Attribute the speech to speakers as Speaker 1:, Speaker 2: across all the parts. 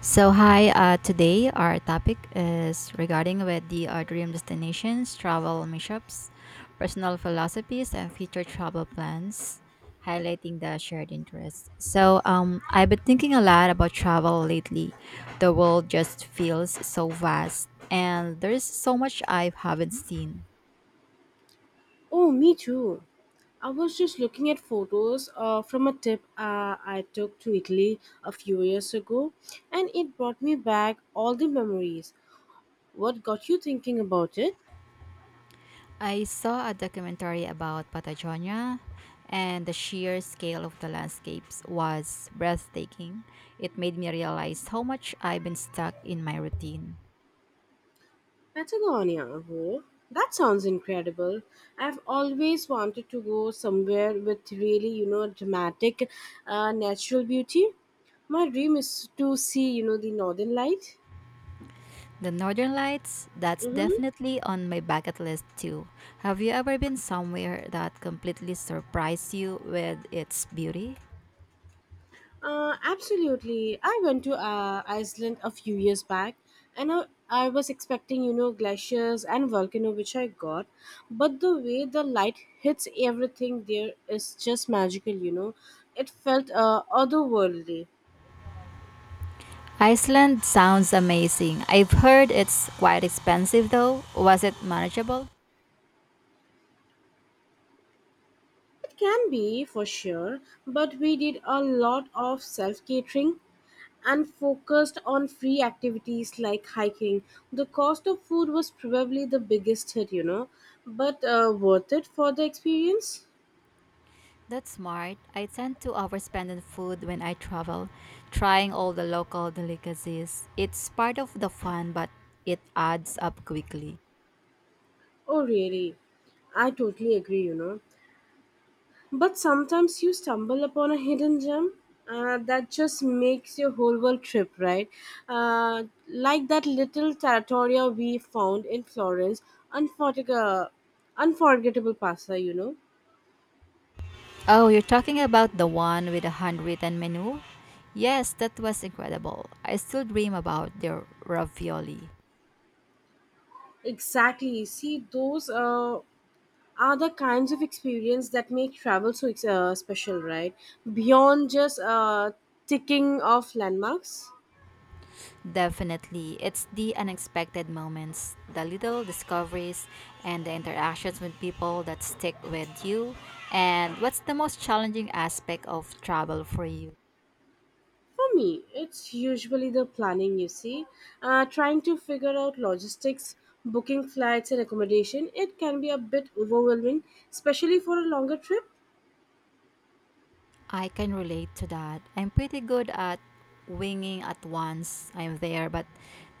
Speaker 1: So hi, today our topic is regarding with the dream destinations, travel mishaps, personal philosophies, and future travel plans, highlighting the shared interests. So, I've been thinking a lot about travel lately. The world just feels so vast, and there's so much I haven't seen.
Speaker 2: Oh, me too. I was just looking at photos from a trip I took to Italy a few years ago, and it brought me back all the memories. What got you thinking about it?
Speaker 1: I saw a documentary about Patagonia, and the sheer scale of the landscapes was breathtaking. It made me realize how much I've been stuck in my routine.
Speaker 2: Patagonia. Oh, that sounds incredible. I've always wanted to go somewhere with really, you know, dramatic natural beauty. My dream is to see, you know, the northern light.
Speaker 1: The Northern Lights, that's
Speaker 2: Mm-hmm.
Speaker 1: definitely on my bucket list too. Have you ever been somewhere that completely surprised you with its beauty?
Speaker 2: Absolutely. I went to Iceland a few years back, and I was expecting, you know, glaciers and volcano, which I got. But the way the light hits everything there is just magical, you know. It felt otherworldly.
Speaker 1: Iceland sounds amazing. I've heard it's quite expensive though. Was it manageable?
Speaker 2: It can be for sure, but we did a lot of self catering, and focused on free activities like hiking. The cost of food was probably the biggest hit, you know, but worth it for the experience?
Speaker 1: That's smart. I tend to overspend on food when I travel, trying all the local delicacies. It's part of the fun, but it adds up quickly.
Speaker 2: Oh, really? I totally agree, you know. But sometimes you stumble upon a hidden gem that just makes your whole world trip, right? Like that little territoria we found in Florence, unforgettable, unforgettable pasta, you know.
Speaker 1: Oh, you're talking about the one with the handwritten menu? Yes, that was incredible. I still dream about their ravioli.
Speaker 2: Exactly. See, those are the kinds of experience that make travel so special, right? Beyond just ticking off landmarks.
Speaker 1: Definitely. It's the unexpected moments, the little discoveries, and the interactions with people that stick with you. And what's the most challenging aspect of travel for you?
Speaker 2: For me, it's usually the planning, you see. Trying to figure out logistics, booking flights and accommodation, it can be a bit overwhelming, especially for a longer trip,
Speaker 1: I can relate to that. I'm pretty good at winging at once I'm there, but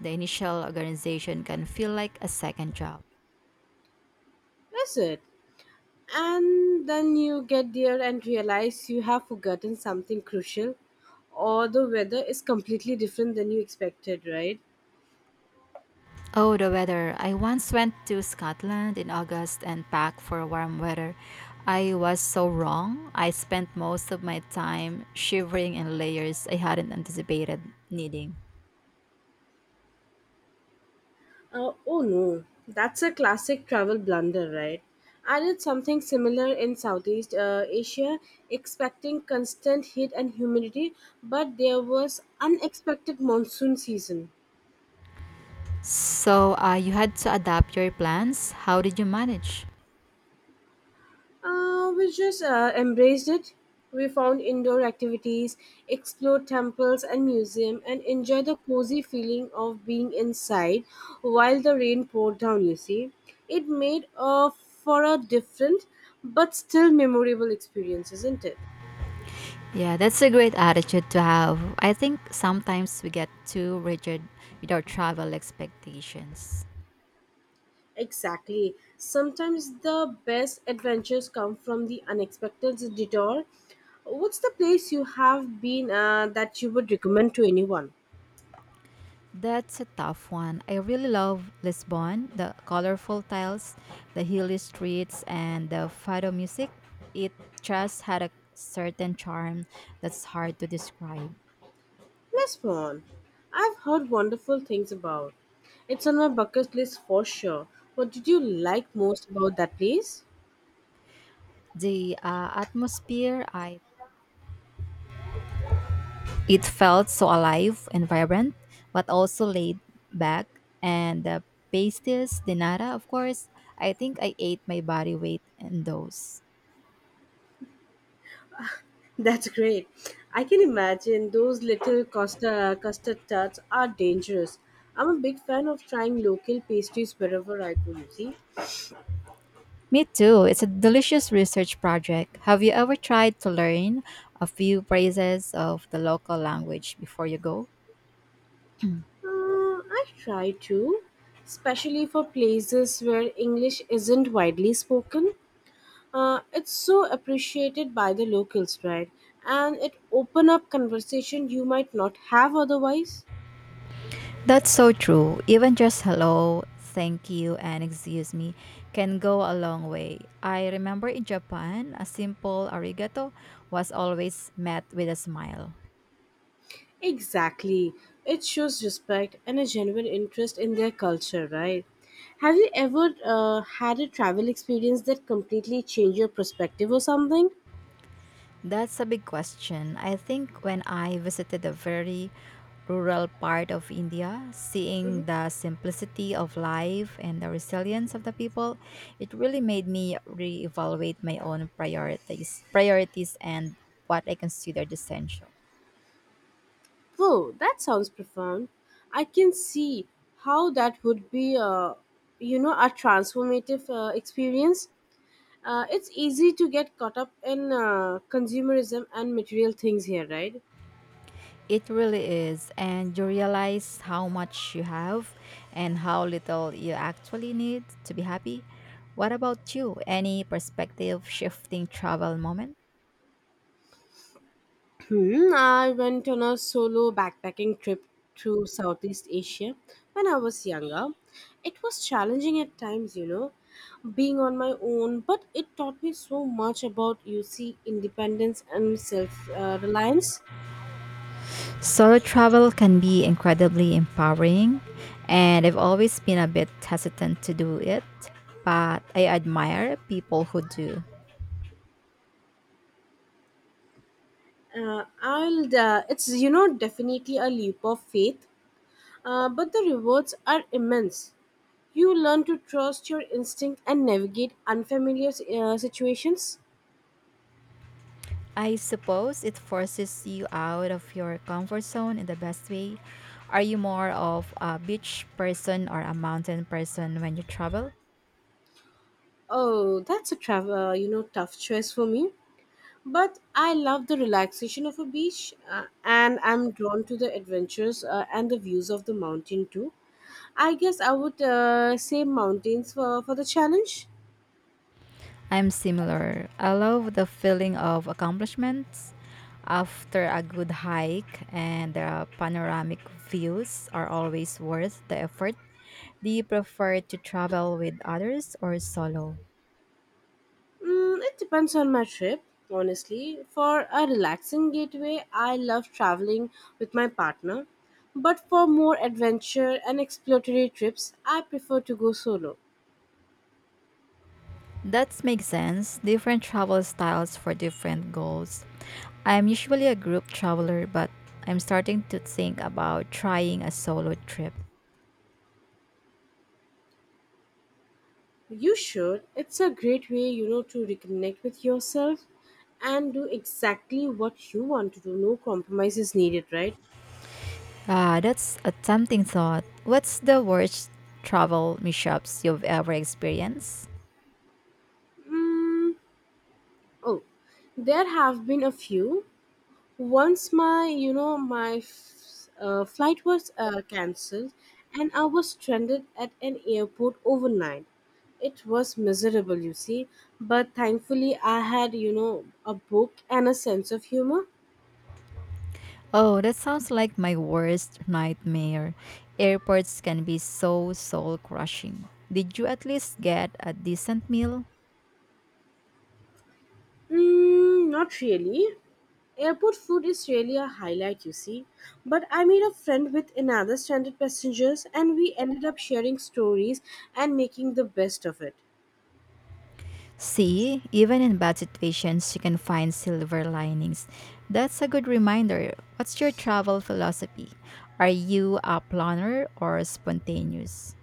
Speaker 1: the initial organization can feel like a second job.
Speaker 2: is it? And then you get there and realize you have forgotten something crucial or the weather is completely different than you expected, right?
Speaker 1: Oh, the weather. I once went to Scotland in August and packed for warm weather. I was so wrong. I spent most of my time shivering in layers I hadn't anticipated needing.
Speaker 2: Oh no, that's a classic travel blunder, right? I did something similar in Southeast Asia, expecting constant heat and humidity, but there was unexpected monsoon season.
Speaker 1: So, you had to adapt your plans. How did you manage?
Speaker 2: We just embraced it. We found indoor activities, explored temples and museum, and enjoyed the cozy feeling of being inside while the rain poured down. You see, it made for a different but still memorable experience, isn't it?
Speaker 1: Yeah, that's a great attitude to have. I think sometimes we get too rigid with our travel expectations.
Speaker 2: Exactly. Sometimes the best adventures come from the unexpected detour. What's the place you have been that you would recommend to anyone?
Speaker 1: That's a tough one. I really love Lisbon, the colorful tiles, the hilly streets, and the fado music. It just had a certain charm that's hard to describe.
Speaker 2: Lisbon. I've heard wonderful things about. It's on my bucket list for sure. What did you like most about that place?
Speaker 1: The atmosphere, I It felt so alive and vibrant, but also laid back. And the pasties de nata, of course, I think I ate my body weight in those.
Speaker 2: That's great. I can imagine those little costa, custard tarts are dangerous. I'm a big fan of trying local pastries wherever I go, you see.
Speaker 1: Me too. It's a delicious research project. Have you ever tried to learn a few phrases of the local language before you go?
Speaker 2: I try to, especially for places where English isn't widely spoken. It's so appreciated by the locals, right? And it open up conversation you might not have otherwise.
Speaker 1: That's so true. Even just hello, thank you, and excuse me can go a long way. I remember in Japan, a simple arigato was always met with a smile.
Speaker 2: Exactly. It shows respect and a genuine interest in their culture, right? Have you ever had a travel experience that completely changed your perspective or something?
Speaker 1: That's a big question. I think when I visited a very rural part of India, seeing the simplicity of life and the resilience of the people, it really made me reevaluate my own priorities and what I considered essential.
Speaker 2: Whoa, that sounds profound. I can see how that would be, you know, a transformative experience. It's easy to get caught up in consumerism and material things here, right?
Speaker 1: It really is. And you realize how much you have and how little you actually need to be happy. What about you? Any perspective shifting travel moment?
Speaker 2: Hmm, I went on a solo backpacking trip to Southeast Asia when I was younger. It was challenging at times, you know, being on my own, but it taught me so much about, you see, independence and self reliance.
Speaker 1: Solo travel can be incredibly empowering, and I've always been a bit hesitant to do it, but I admire people who do.
Speaker 2: It's you know, definitely a leap of faith, but the rewards are immense. You learn to trust your instinct and navigate unfamiliar situations.
Speaker 1: I suppose it forces you out of your comfort zone in the best way. Are you more of a beach person or a mountain person when you travel?
Speaker 2: Oh, that's a travel, you know, tough choice for me. But I love the relaxation of a beach, and I'm drawn to the adventures and the views of the mountain too. I guess I would say mountains for the challenge.
Speaker 1: I'm similar. I love the feeling of accomplishments after a good hike, and the panoramic views are always worth the effort. Do you prefer to travel with others or solo?
Speaker 2: Mm, it depends on my trip, honestly. For a relaxing getaway, I love traveling with my partner. But for more adventure and exploratory trips, I prefer to go solo.
Speaker 1: That makes sense. Different travel styles for different goals. I'm usually a group traveler, but I'm starting to think about trying a solo trip.
Speaker 2: You should. It's a great way, you know, to reconnect with yourself and do exactly what you want to do. No compromise is needed, right?
Speaker 1: Ah, that's a tempting thought. What's the worst travel mishaps you've ever experienced?
Speaker 2: Mm, oh, there have been a few. Once my you know my f- flight was cancelled, and I was stranded at an airport overnight. It was miserable, you see, but thankfully I had, you know, a book and a sense of humor.
Speaker 1: Oh, that sounds like my worst nightmare. Airports can be so soul crushing. Did you at least get a decent meal?
Speaker 2: Mm, not really. Airport food is really a highlight, you see, but I made a friend with another stranded passengers, and we ended up sharing stories and making the best of it.
Speaker 1: See, even in bad situations, you can find silver linings. That's a good reminder. What's your travel philosophy? Are you a planner or spontaneous?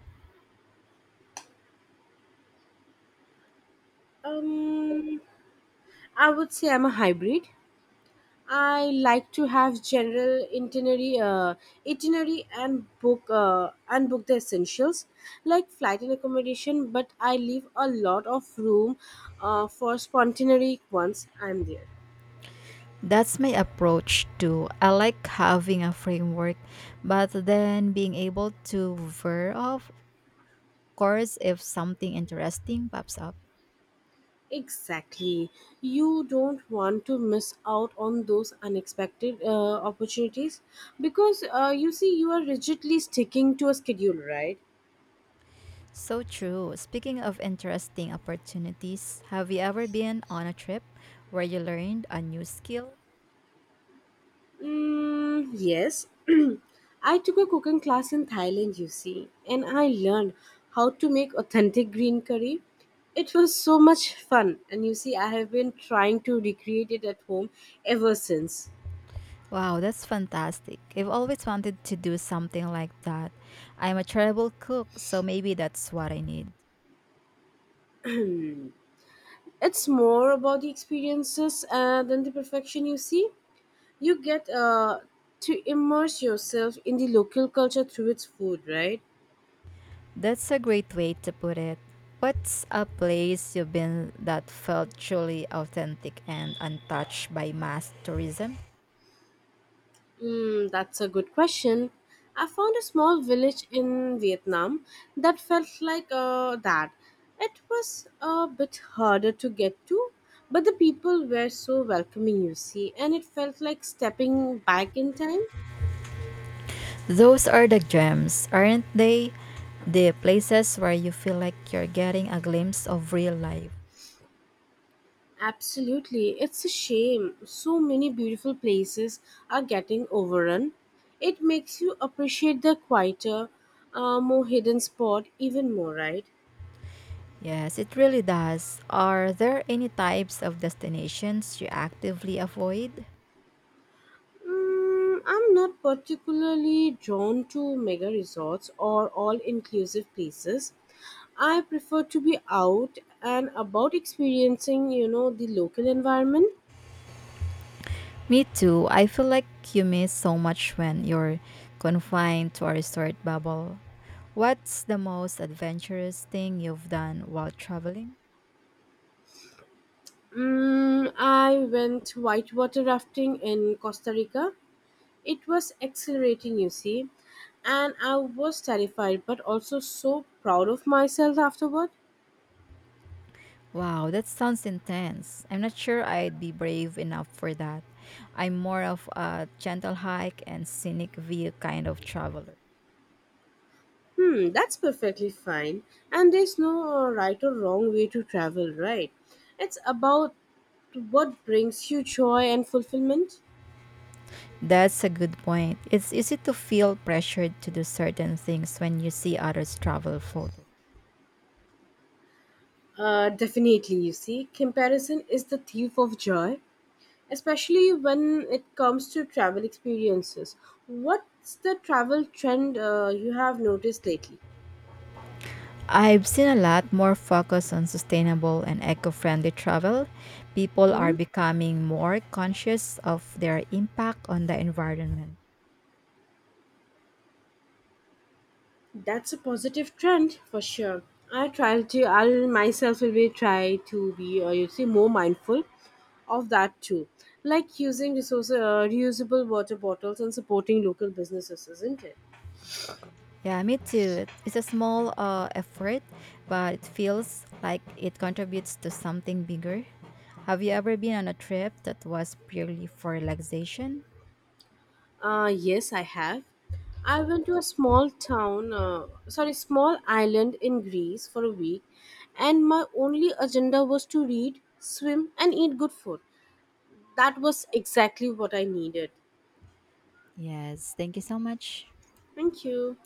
Speaker 2: um I would say I'm a hybrid. I like to have general itinerary, and book the essentials like flight and accommodation. But I leave a lot of room for spontaneity once I'm there.
Speaker 1: That's my approach too. I like having a framework, but then being able to veer off course if something interesting pops up.
Speaker 2: Exactly, you don't want to miss out on those unexpected opportunities because you see you are rigidly sticking to a schedule, right?
Speaker 1: So true. Speaking of interesting opportunities, have you ever been on a trip where you learned a new skill?
Speaker 2: Mm, yes. I took a cooking class in Thailand, you see, and I learned how to make authentic green curry. It was so much fun, and you see, I have been trying to recreate it at home ever since.
Speaker 1: Wow, that's fantastic. I've always wanted to do something like that. I'm a terrible cook, so maybe that's what I need.
Speaker 2: It's more about the experiences than the perfection, you see. You get to immerse yourself in the local culture through its food, right?
Speaker 1: That's a great way to put it. What's a place you've been that felt truly authentic and untouched by mass tourism?
Speaker 2: Hmm, that's a good question. I found a small village in Vietnam that felt like that. It was a bit harder to get to, but the people were so welcoming, you see, and it felt like stepping back in time.
Speaker 1: Those are the gems, aren't they? The places where you feel like you're getting a glimpse of real life.
Speaker 2: Absolutely. It's a shame. So many beautiful places are getting overrun. It makes you appreciate the quieter, more hidden spot even more, right?
Speaker 1: Yes, it really does. Are there any types of destinations you actively avoid?
Speaker 2: Mm, I'm not particularly drawn to mega resorts or all inclusive places. I prefer to be out and about experiencing, you know, the local environment.
Speaker 1: Me too. I feel like you miss so much when you're confined to a resort bubble. What's the most adventurous thing you've done while traveling?
Speaker 2: Mm, I went whitewater rafting in Costa Rica. It was exhilarating, you see, and I was terrified but also so proud of myself afterward.
Speaker 1: Wow, that sounds intense. I'm not sure I'd be brave enough for that. I'm more of a gentle hike and scenic view kind of traveler.
Speaker 2: Hmm, that's perfectly fine. And there's no right or wrong way to travel, right? It's about what brings you joy and fulfillment.
Speaker 1: That's a good point. It's easy to feel pressured to do certain things when you see others travel full.
Speaker 2: Definitely, you see, comparison is the thief of joy, especially when it comes to travel experiences. What's the travel trend you have noticed lately?
Speaker 1: I've seen a lot more focus on sustainable and eco friendly travel. People are
Speaker 2: Mhm.
Speaker 1: becoming more conscious of their impact on the environment.
Speaker 2: That's a positive trend for sure. I try to, I myself will be try to be, you see, more mindful of that too. Like using reusable water bottles and supporting local businesses, isn't it?
Speaker 1: Yeah, me too. It's a small effort, but it feels like it contributes to something bigger. Have you ever been on a trip that was purely for relaxation?
Speaker 2: Yes, I have. I went to a small town, sorry, small island in Greece for a week, and my only agenda was to read, swim, and eat good food. That was exactly what I needed.
Speaker 1: Yes, thank you so much.
Speaker 2: Thank you.